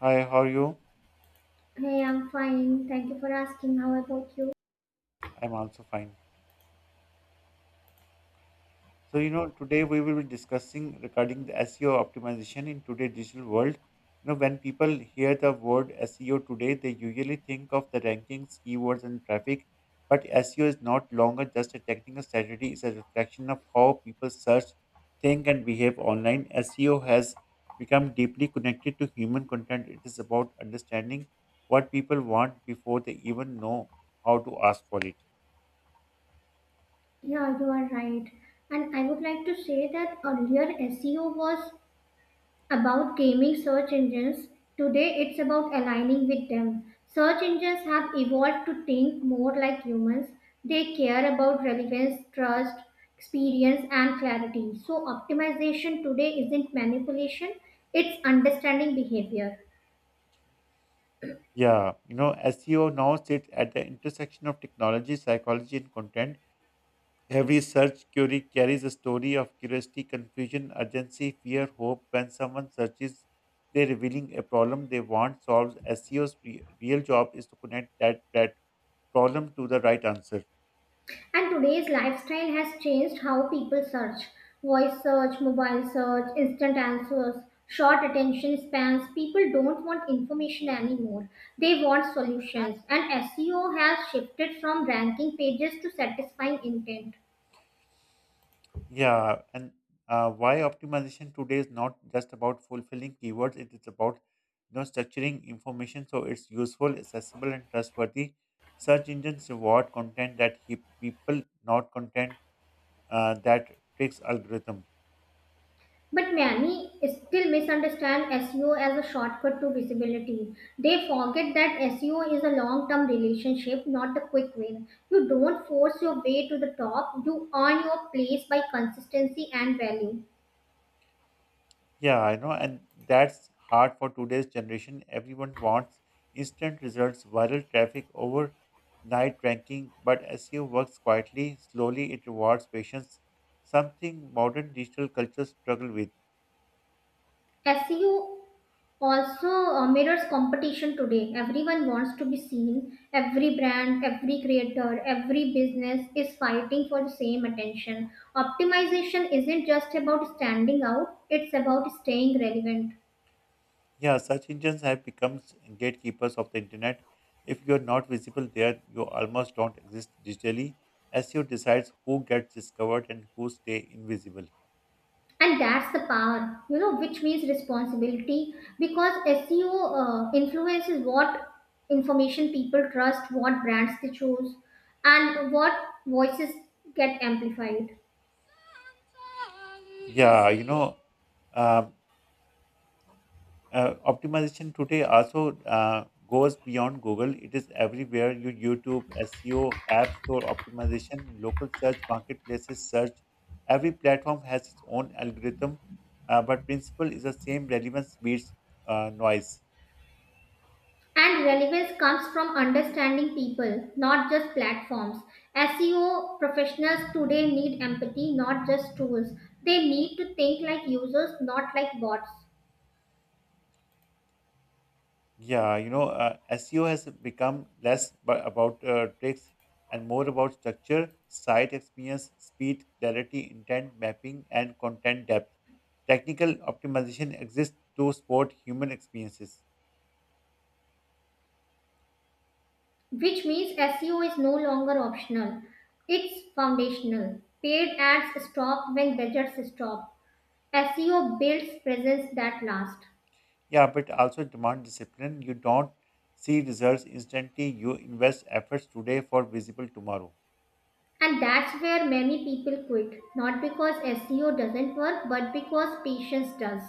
Hi, how are you? Hey, I'm fine. Thank you for asking. How about you? I'm also fine. So, today we will be discussing regarding the SEO optimization in today's digital world. When people hear the word SEO today, they usually think of the rankings, keywords, and traffic. But SEO is not longer just a technical strategy, it's a reflection of how people search, think, and behave online. SEO has become deeply connected to human content. It is about understanding what people want before they even know how to ask for it. Yeah, you are right. And I would like to say that earlier SEO was about gaming search engines. Today it's about aligning with them. Search engines have evolved to think more like humans. They care about relevance, trust, experience, and clarity. So optimization today isn't manipulation, it's understanding behavior. Yeah, SEO now sits at the intersection of technology, psychology, and content. Every search query carries a story of curiosity, confusion, urgency, fear, hope. When someone searches, they're revealing a problem they want solved. SEO's real job is to connect that problem to the right answer. And today's lifestyle has changed how people search: voice search, mobile search, instant answers, short attention spans. People don't want information anymore, they want solutions. And SEO has shifted from ranking pages to satisfying intent. Yeah, and why optimization today is not just about fulfilling keywords, it is about structuring information so it's useful, accessible, and trustworthy. Search engines reward content that keep people, not content that tricks algorithm. But many still misunderstand SEO as a shortcut to visibility. They forget that SEO is a long term relationship, not the quick win. You don't force your way to the top, you earn your place by consistency and value. Yeah, I know, and that's hard for today's generation. Everyone wants instant results, viral traffic, overnight ranking, but SEO works quietly, slowly, it rewards patience, something modern digital cultures struggle with. SEO also mirrors competition today. Everyone wants to be seen. Every brand, every creator, every business is fighting for the same attention. Optimization isn't just about standing out, it's about staying relevant. Yeah, search engines have become gatekeepers of the internet. If you're not visible there, you almost don't exist digitally. SEO decides who gets discovered and who stay invisible. And that's the power, which means responsibility, because SEO influence is what information people trust, what brands they choose, and what voices get amplified. Yeah, um, optimization today also goes beyond Google. It is everywhere. Your YouTube, SEO, App Store optimization, local search, marketplaces search. Every platform has its own algorithm, but principle is the same. Relevance beats noise. And relevance comes from understanding people, not just platforms. SEO professionals today need empathy, not just tools. They need to think like users, not like bots, Yeah, SEO has become less but about tricks and more about structure, site experience, speed, clarity, intent, mapping, and content depth. Technical optimization exists to support human experiences. which means SEO is no longer optional. It's foundational. Paid ads stop when budgets stop. SEO builds presence that lasts. Yeah, but also demand discipline. You don't see results instantly. You invest efforts today for visible tomorrow. And that's where many people quit. Not because SEO doesn't work, but because patience does.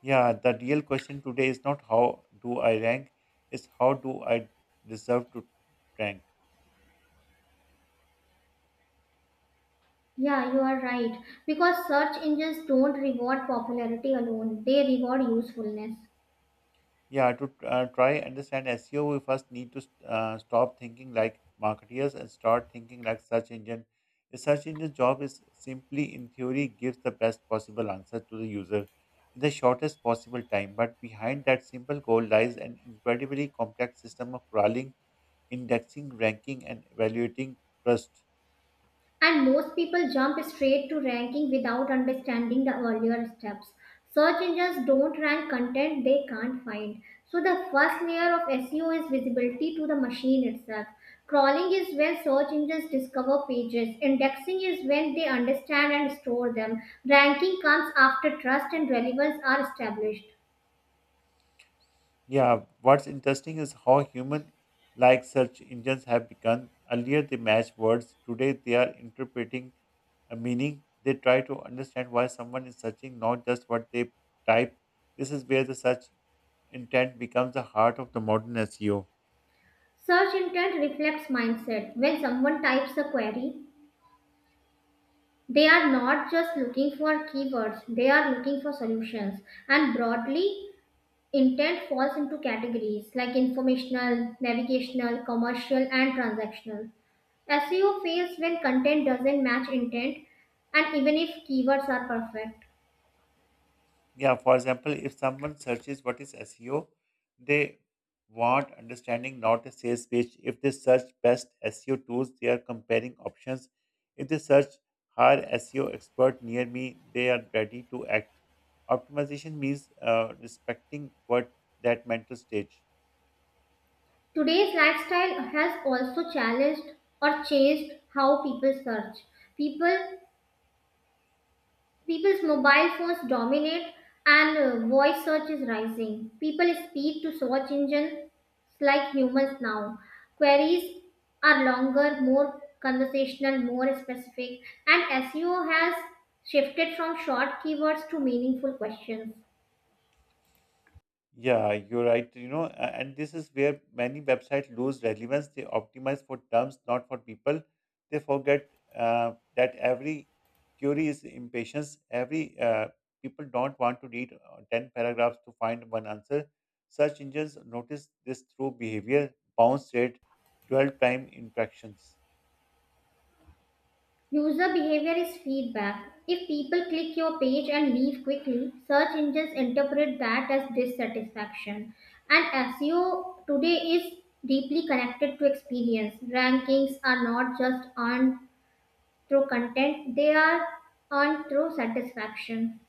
Yeah, the real question today is not how do I rank, it's how do I deserve to rank. Yeah, you are right. Because search engines don't reward popularity alone, they reward usefulness. Yeah, to try understand SEO, we first need to stop thinking like marketeers and start thinking like search engine. A search engine job is simply, in theory, gives the best possible answer to the user in the shortest possible time. But behind that simple goal lies an incredibly complex system of crawling, indexing, ranking, and evaluating trust. And most people jump straight to ranking without understanding the earlier steps. Search engines don't rank content they can't find. So the first layer of SEO is visibility to the machine itself. Crawling is when search engines discover pages. Indexing is when they understand and store them. Ranking comes after trust and relevance are established. Yeah, what's interesting is how human like search engines have begun. Earlier they matched words, today they are interpreting a meaning. They try to understand why someone is searching, not just what they typed. This is where the search intent becomes the heart of the modern SEO. Search intent reflects mindset. When someone types a query, they are not just looking for keywords, they are looking for solutions. And broadly, intent falls into categories like informational, navigational, commercial, and transactional. SEO fails when content doesn't match intent and even if keywords are perfect. Yeah, for example if someone searches what is seo they want understanding not a sales pitch. If they search best seo tools they are comparing options. If they search hire seo expert near me they are ready to act. Optimization means respecting what that mental stage. Today's lifestyle has also challenged or changed how people search. People People's mobile phones dominate, and voice search is rising. People speak to search engines like humans now. Queries are longer, more conversational, more specific, and SEO has shifted from short keywords to meaningful questions. Yeah, you're right. And this is where many websites lose relevance. They optimize for terms, not for people. They forget that every query is impatience. Every people don't want to read ten paragraphs to find one answer. Search engines notice this through behavior, bounce rate, dwell time, interactions. User behavior is feedback. If people click your page and leave quickly, search engines interpret that as dissatisfaction. And SEO today is deeply connected to experience. Rankings are not just earned through content, they are earned through satisfaction.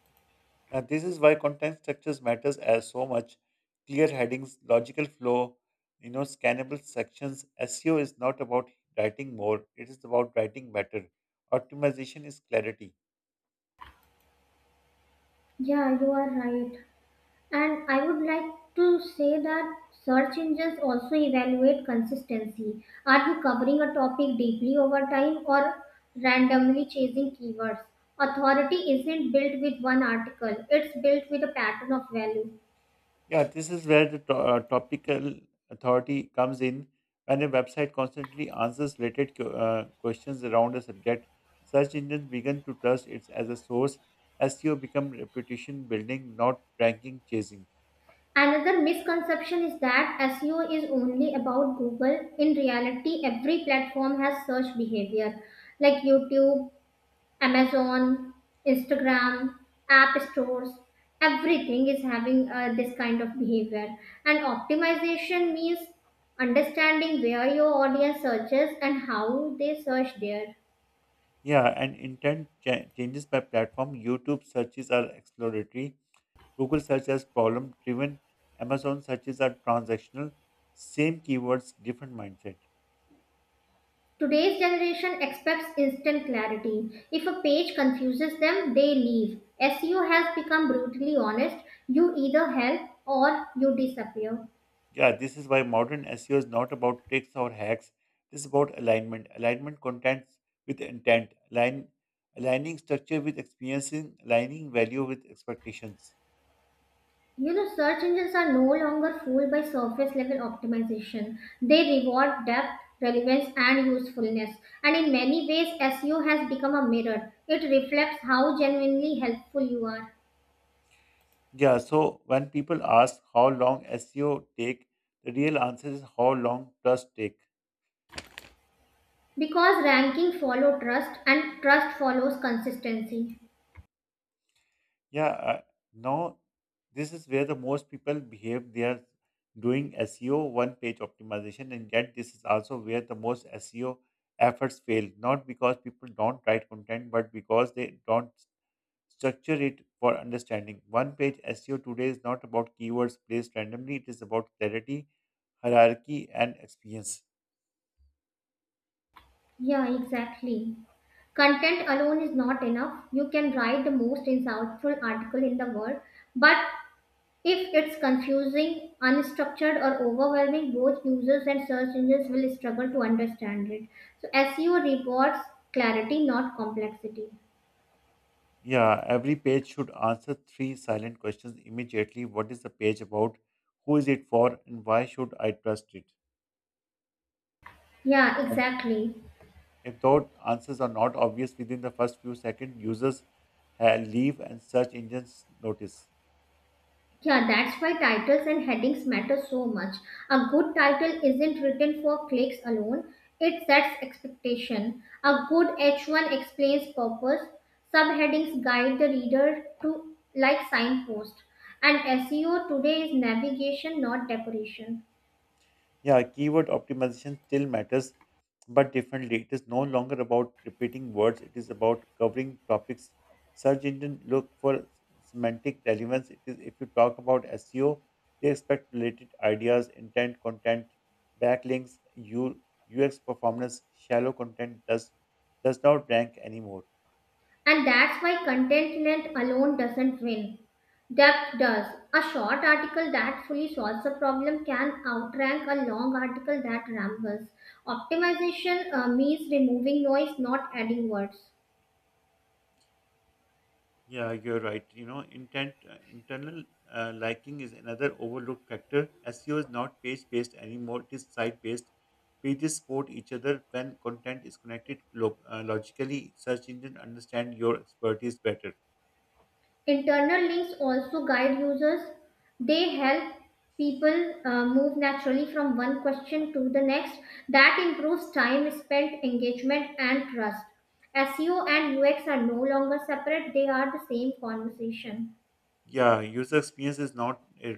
Now this is why content structures matters as so much. Clear headings, logical flow, scannable sections. SEO is not about writing more; it is about writing better. Optimization is clarity. Yeah, you are right. And I would like to say that search engines also evaluate consistency. Are you covering a topic deeply over time, or randomly chasing keywords? Authority isn't built with one article, it's built with a pattern of value. Yeah, this is where the topical authority comes in. When a website constantly answers related questions around a subject, search engines begin to trust it as a source. SEO become reputation building, not ranking chasing. Another misconception is that SEO is only about Google. In reality, every platform has search behavior, like YouTube, Amazon, Instagram, app stores. Everything is having this kind of behavior. And optimization means understanding where your audience searches and how they search there. Yeah, and intent changes by platform. YouTube searches are exploratory. Google search as problem driven. Amazon searches are transactional. Same keywords, different mindset. Today's generation expects instant clarity. If a page confuses them, they leave. SEO has become brutally honest. You either help or you disappear. Yeah, this is why modern SEO is not about tricks or hacks. This is about alignment. Alignment contents with intent. Aligning structure with experiencing. Aligning value with expectations. Search engines are no longer fooled by surface level optimization. They reward depth, relevance, and usefulness. And in many ways, SEO has become a mirror. It reflects how genuinely helpful you are. Yeah, so when people ask how long SEO take, the real answer is how long trust take. Because ranking follows trust, and trust follows consistency. Yeah, no, this is where the most people behave. They are doing SEO one page optimization, and yet this is also where the most SEO efforts fail. Not because people don't write content, but because they don't structure it for understanding. One page SEO today is not about keywords placed randomly, it is about clarity, hierarchy, and experience. Yeah, exactly. Content alone is not enough. You can write the most insightful article in the world, but if it's confusing, unstructured, or overwhelming, both users and search engines will struggle to understand it. So, SEO rewards clarity, not complexity. Yeah, every page should answer three silent questions immediately. What is the page about? Who is it for? And why should I trust it? Yeah, And exactly. if thought answers are not obvious within the first few seconds, users leave and search engines notice. Yeah, that's why titles and headings matter so much. A good title isn't written for clicks alone, it sets expectation. A good H1 explains purpose, subheadings guide the reader to like signpost. And SEO today is navigation, not decoration. Yeah, keyword optimization still matters, but differently. It is no longer about repeating words, it is about covering topics. Search engine look for semantic relevance. It is if you talk about SEO, they expect related ideas, intent, content, backlinks, UX performance, shallow content does not rank anymore. And that's why contentment alone doesn't win. Depth does. A short article that fully solves a problem can outrank a long article that rambles. Optimization means removing noise, not adding words. Yeah, you're right. Intent internal liking is another overlooked factor. SEO is not page-based anymore; it is site-based. Pages support each other when content is connected logically. Search engine understand your expertise better. Internal links also guide users. They help people move naturally from one question to the next. That improves time spent, engagement, and trust. SEO and UX are no longer separate, they are the same conversation. Yeah, user experience is not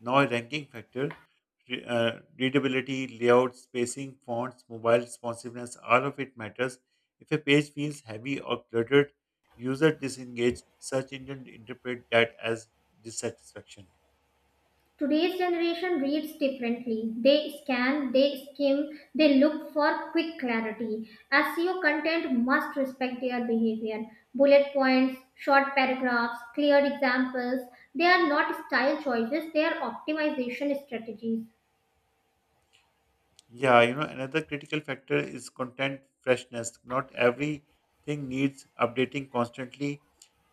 now a ranking factor. Re- uh, Readability, layout, spacing, fonts, mobile responsiveness, all of it matters. If a page feels heavy or cluttered, user disengage. Search engine interpret that as dissatisfaction. Today's generation reads differently. They scan, they skim, they look for quick clarity. SEO content must respect their behavior. Bullet points, short paragraphs, clear examples, they are not style choices, they are optimization strategies. Yeah, another critical factor is content freshness. Not everything needs updating constantly.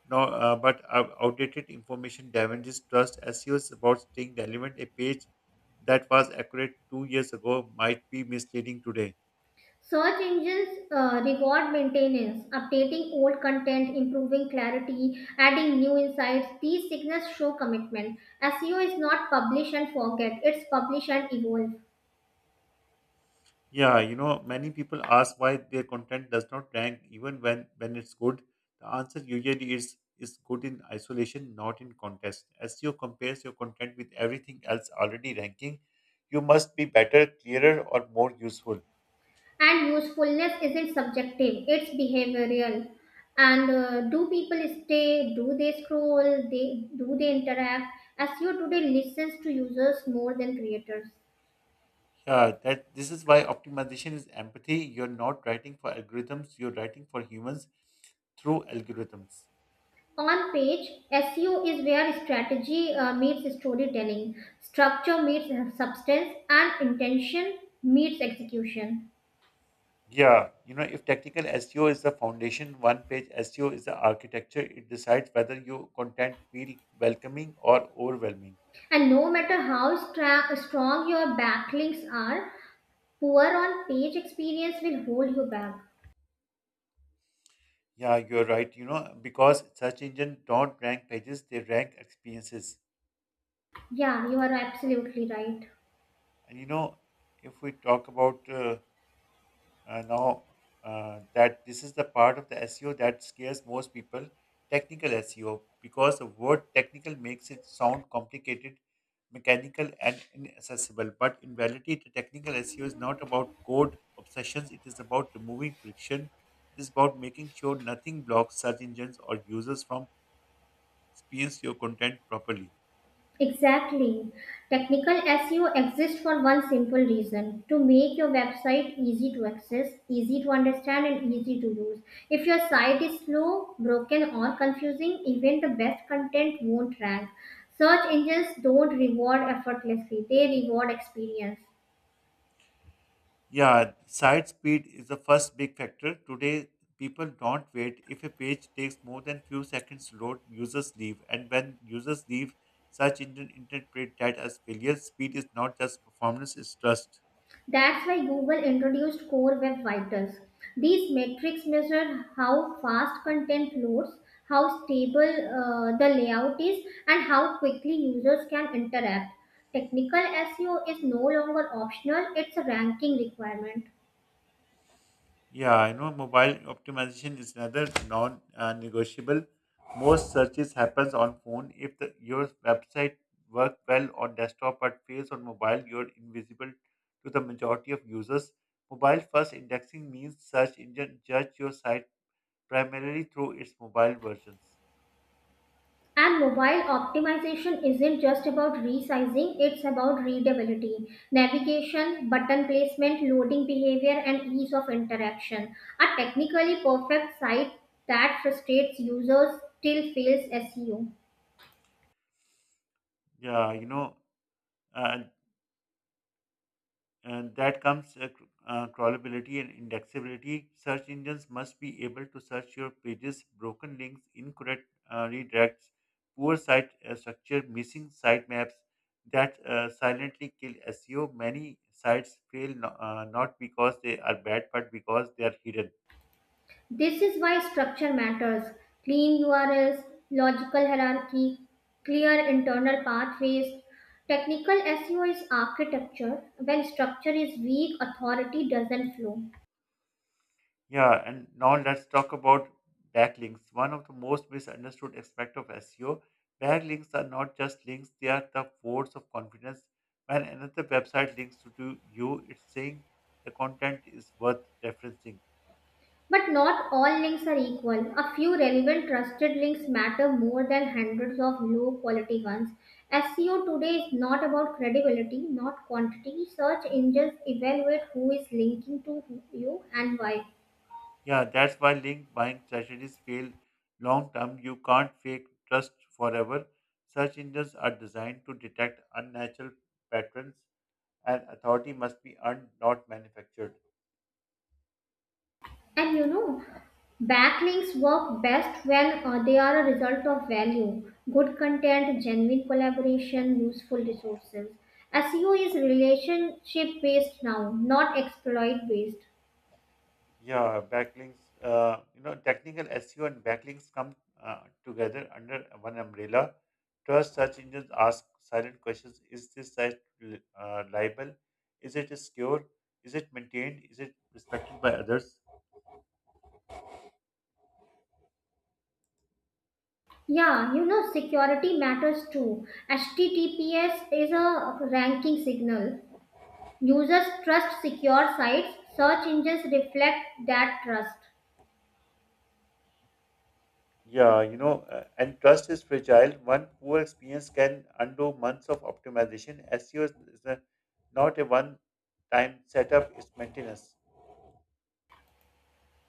No, but outdated information damages trust. SEOs about staying relevant. A page that was accurate 2 years ago might be misleading today. Search engines reward maintenance, updating old content, improving clarity, adding new insights. These signals show commitment. SEO is not publish and forget, it's publish and evolve. Yeah, many people ask why their content does not rank even when it's good. The answer usually is good in isolation, not in context. SEO compares your content with everything else already ranking. You must be better, clearer, or more useful. And usefulness isn't subjective, it's behavioral. And do people stay? Do they scroll? They do they interact? SEO today listens to users more than creators. Yeah, that this is why optimization is empathy. You're not writing for algorithms, you're writing for humans through algorithms. On page, SEO is where strategy meets storytelling, structure meets substance, and intention meets execution. Yeah, if technical SEO is the foundation, one page SEO is the architecture. It decides whether your content feel welcoming or overwhelming. And no matter how strong your backlinks are, poor on page experience will hold you back. Yeah, you're right. Because search engine don't rank pages, they rank experiences. Yeah, you are absolutely right. And if we talk about now that this is the part of the SEO that scares most people technical SEO because the word technical makes it sound complicated, mechanical, and inaccessible. But in reality, the technical SEO is not about code obsessions, it is about removing friction. It is about making sure nothing blocks search engines or users from experience your content properly. Exactly. Technical SEO exists for one simple reason: to make your website easy to access, easy to understand, and easy to use. If your site is slow, broken, or confusing, even the best content won't rank. Search engines don't reward effortlessly, they reward experience. Yeah, site speed is the first big factor. Today, people don't wait. If a page takes more than few seconds to load, users leave. And when users leave, such engine interpret that as failure. Speed is not just performance, it's trust. That's why Google introduced Core Web Vitals. These metrics measure how fast content loads, how stable the layout is, and how quickly users can interact. Technical SEO is no longer optional, it's a ranking requirement. Yeah, I know mobile optimization is another non-negotiable. Most searches happens on phone. If your website works well on desktop but fails on mobile, you're invisible to the majority of users. Mobile first indexing means search engine judge your site primarily through its mobile versions. And mobile optimization isn't just about resizing, it's about readability, navigation, button placement, loading behavior, and ease of interaction. A technically perfect site that frustrates users still fails SEO. Yeah, uh, that comes crawlability and indexability. Search engines must be able to search your pages, broken links, incorrect redirects, poor site structure, missing sitemaps that silently kill SEO. Many sites fail not because they are bad, but because they are hidden. This is why structure matters. Clean URLs, logical hierarchy, clear internal pathways. Technical SEO is architecture. When structure is weak, authority doesn't flow. Yeah, and now let's talk about backlinks. One of the most misunderstood aspect of SEO. Backlinks are not just links, they are the votes of confidence. When another website links to do you, it's saying the content is worth referencing. But not all links are equal. A few relevant trusted links matter more than hundreds of low quality ones. SEO today is not about credibility, not quantity. Search engines evaluate who is linking to you, and why. Yeah, that's why link buying strategies fail long term. You can't fake trust forever. Search engines are designed to detect unnatural patterns and authority must be earned, not manufactured. And backlinks work best when they are a result of value, good content, genuine collaboration, useful resources. SEO is relationship based now, not exploit based. Yeah, backlinks. Technical SEO and backlinks come together under one umbrella. Trust search engines ask silent questions: Is this site liable? Is it secure? Is it maintained? Is it respected by others? Yeah, security matters too. HTTPS is a ranking signal. Users trust secure sites, search engines reflect that trust. Yeah, and trust is fragile. One poor experience can undo months of optimization. SEO is not a one-time setup; it's maintenance.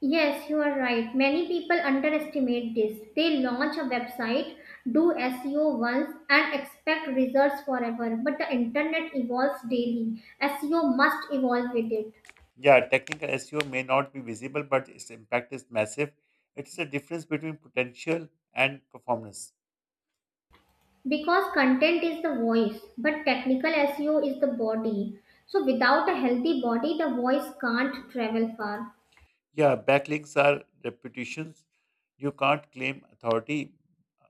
Yes, you are right. Many people underestimate this. They launch a website, do SEO once, and expect results forever. But the internet evolves daily. SEO must evolve with it. Yeah, technical SEO may not be visible, but its impact is massive. It is a difference between potential and performance. Because content is the voice, but technical SEO is the body, so without a healthy body the voice can't travel far. Yeah, backlinks are reputations. You can't claim authority,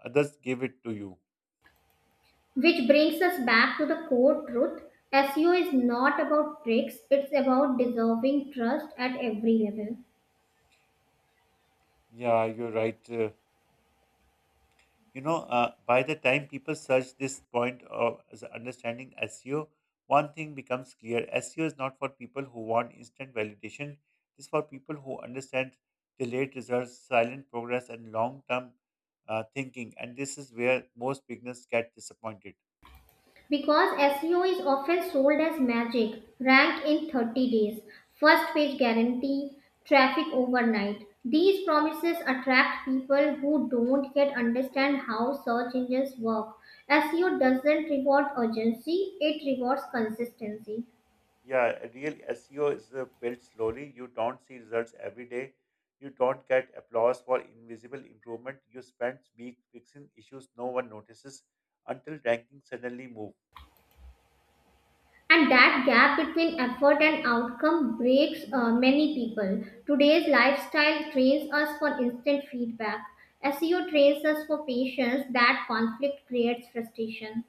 others give it to you. Which brings us back to the core truth: SEO is not about tricks, it's about deserving trust at every level. Yeah, you're right. By the time people search this point of as understanding SEO, one thing becomes clear: SEO is not for people who want instant validation. It's for people who understand delayed results, silent progress, and long term thinking. And this is where most beginners get disappointed. Because SEO is often sold as magic: rank in 30 days, first page guarantee, traffic overnight. These promises attract people who don't yet understand how search engines work. SEO doesn't reward urgency, it rewards consistency. Yeah, a real SEO is built slowly. You don't see results every day. You don't get applause for invisible improvement. You spend weeks fixing issues no one notices until rankings suddenly move. And that gap between effort and outcome breaks many people. Today's lifestyle trains us for instant feedback. SEO trains us for patience, that conflict creates frustration.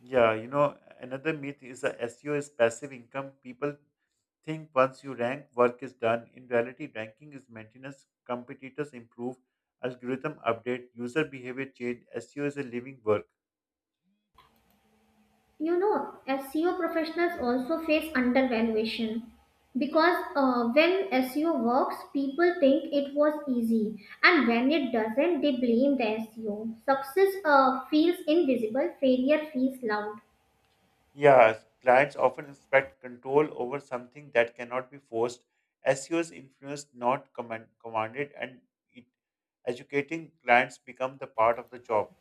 Yeah, another myth is that SEO is passive income. People think once you rank, work is done. In reality, ranking is maintenance. Competitors improve, algorithm update, user behavior change. SEO is a living work. you know SEO professionals also face undervaluation, because when SEO works people think it was easy, and when it doesn't they blame the SEO. Success feels invisible, failure feels loud. Yeah, clients often expect control over something that cannot be forced. SEO is influenced, not commanded, and it, educating clients become the part of the job.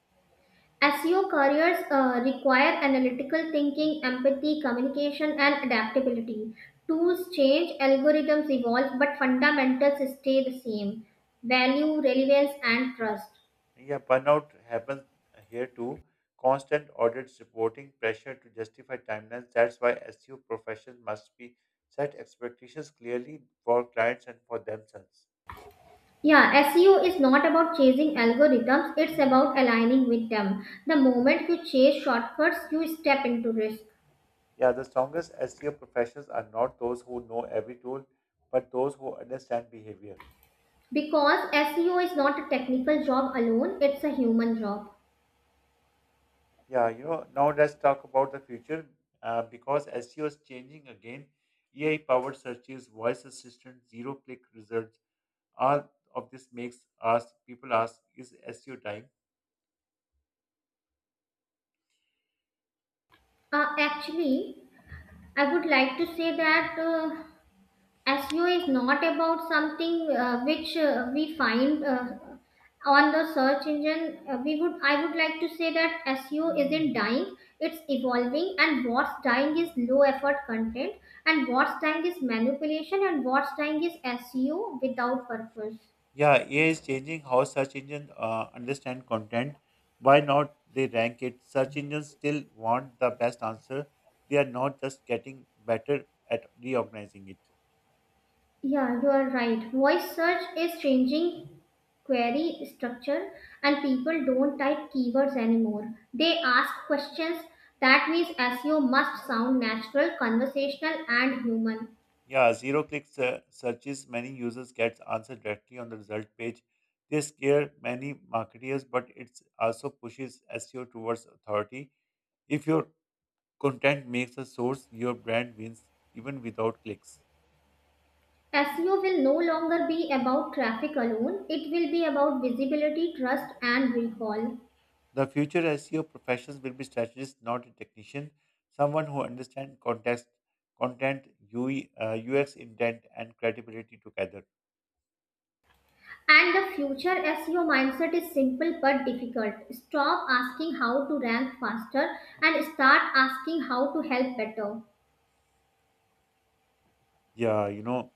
SEO careers require analytical thinking, empathy, communication, and adaptability. Tools change, algorithms evolve, but fundamentals stay the same: value, relevance, and trust. Yeah, burnout happens here too. Constant audits, reporting, pressure to justify timelines. That's why SEO professionals must be set expectations clearly for clients and for themselves. Yeah, SEO is not about chasing algorithms, it's about aligning with them. The moment you chase shortcuts, you step into risk. Yeah, the strongest SEO professionals are not those who know every tool, but those who understand behavior. Because SEO is not a technical job alone, it's a human job. Yeah, now let's talk about the future. Because SEO is changing again, AI powered searches, voice assistant, zero click results, all of this makes us people ask, is SEO dying? Actually, I would like to say that SEO is not about something which we find on the search engine. I would like to say that SEO isn't dying, it's evolving. And what's dying is low effort content, and what's dying is manipulation, and what's dying is SEO without purpose. Yeah, AI is changing how search engines understand content. Why not they rank it? Search engines still want the best answer. They are not just getting better at reorganizing it. Yeah, you are right. Voice search is changing query structure, and people don't type keywords anymore. They ask questions. That means SEO must sound natural, conversational, and human. Yeah, zero click searches, many users get answer directly on the result page. They scare many marketers, but it also pushes SEO towards authority. If your content makes a source, your brand wins even without clicks. SEO will no longer be about traffic alone, it will be about visibility, trust, and recall. The future SEO professions will be strategists, not a technician, someone who understands context, content, UI, UX intent, and credibility together. And the future SEO mindset is simple but difficult: stop asking how to rank faster, and start asking how to help better. Yeah,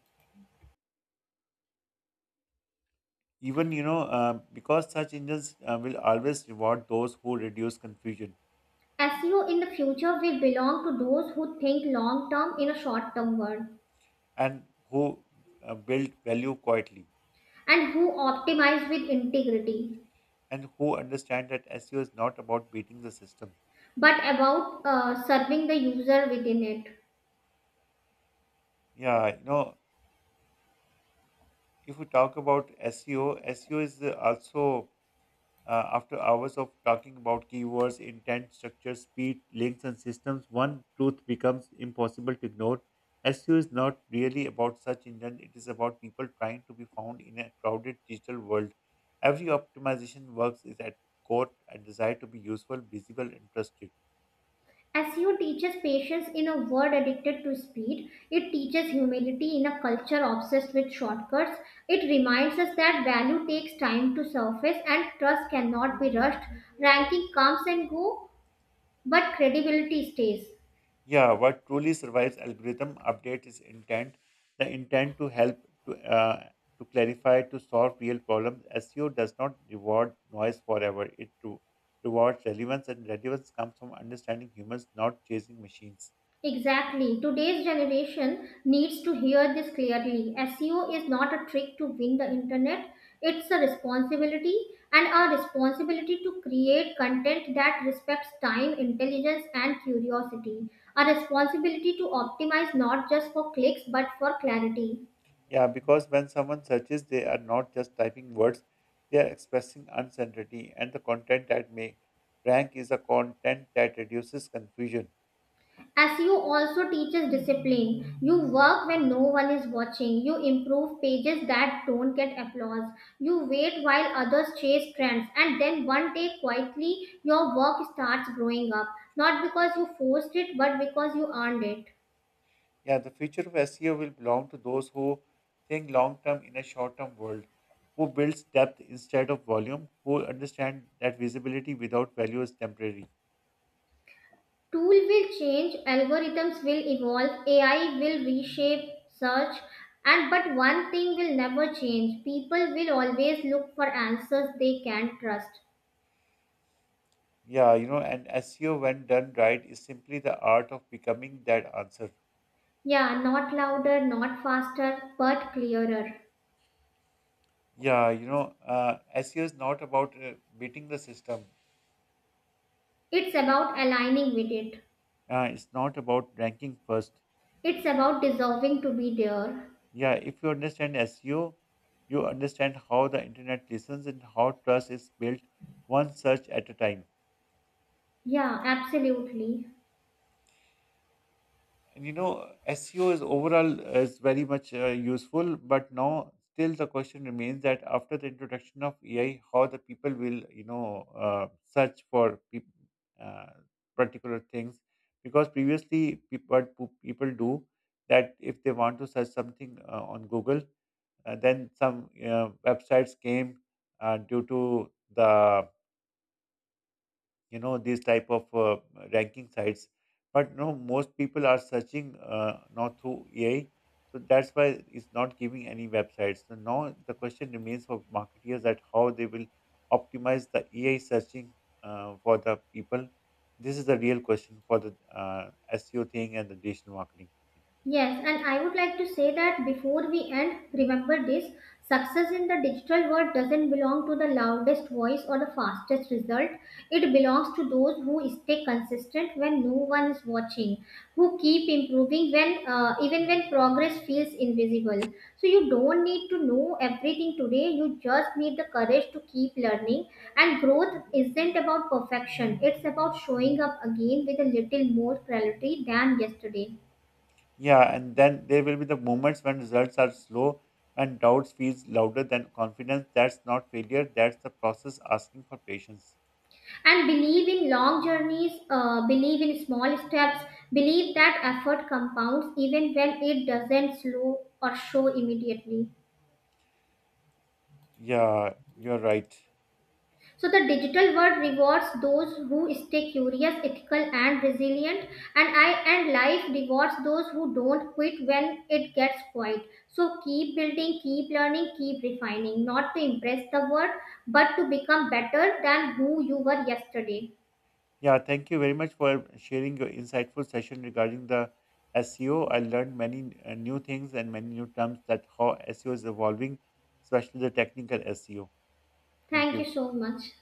even because search engines will always reward those who reduce confusion, SEO in the future will belong to those who think long term in a short term world and who build value quietly, and who optimize with integrity, and who understand that SEO is not about beating the system. but about serving the user within it. Yeah, if we talk about SEO, SEO is uh, also Uh, after hours of talking about keywords, intent, structure, speed, links, and systems, one truth becomes impossible to ignore. SEO is not really about search engine; it is about people trying to be found in a crowded digital world. Every optimization works is at core a desire to be useful, visible, and trusted. SEO teaches patience in a world addicted to speed. It teaches humility in a culture obsessed with shortcuts. It reminds us that value takes time to surface and trust cannot be rushed. Ranking comes and go, but credibility stays. Yeah, what truly survives algorithm update is intent, the intent to help, to uh, to clarify, to solve real problems. SEO does not reward noise forever. It to rewards relevance, and relevance comes from understanding humans, not chasing machines. Exactly. Today's generation needs to hear this clearly. SEO is not a trick to win the internet, it's a responsibility: and a responsibility to create content that respects time, intelligence, and curiosity. A responsibility to optimize not just for clicks but for clarity. Yeah, because when someone searches, they are not just typing words; they are expressing uncertainty, and the content that may rank is a content that reduces confusion. As you also teaches discipline, you work when no one is watching, you improve pages that don't get applause, you wait while others chase trends, and then one day quietly your work starts growing up, not because you forced it but because you earned it. Yeah, the future of SEO will belong to those who think long term in a short term world, who builds depth instead of volume, who understand that visibility without value is temporary. Tool will change, algorithms will evolve, AI will reshape search, and but one thing will never change. People will always look for answers they can trust. Yeah, and SEO, when done right, is simply the art of becoming that answer. Yeah, not louder, not faster, but clearer. Yeah, SEO is not about beating the system. It's about aligning with it. It's not about ranking first. It's about dissolving to be there. Yeah, if you understand SEO, you understand how the internet listens and how trust is built one search at a time. Yeah, absolutely. And SEO is overall is very much useful, but now still the question remains that after the introduction of AI, how the people will search for peop uh, particular things, because previously people do that if they want to search something on Google, then some websites came due to the these type of ranking sites. But no, most people are searching not through AI, so that's why it's not giving any websites. So now the question remains for marketers that how they will optimize the AI searching for the people. This is the real question for the uh, SEO thing and the digital marketing thing. Yes, and I would like to say that before we end, remember this: success in the digital world doesn't belong to the loudest voice or the fastest result. It belongs to those who stay consistent when no one is watching, who keep improving when, even when progress feels invisible. So you don't need to know everything today, you just need the courage to keep learning. And growth isn't about perfection, it's about showing up again with a little more clarity than yesterday. Yeah, and then there will be the moments when results are slow and doubts feels louder than confidence. That's not failure. That's the process asking for patience. And believe in long journeys, believe in small steps, believe that effort compounds even when it doesn't slow or show immediately. Yeah, you're right. So the digital world rewards those who stay curious, ethical, and resilient, and i and life rewards those who don't quit when it gets quiet. So keep building, keep learning, keep refining, not to impress the world but to become better than who you were yesterday. Yeah, thank you very much for sharing your insightful session regarding the SEO. I learned many new things and many new terms that how SEO is evolving, especially the technical SEO. Thank Thank you you. so much.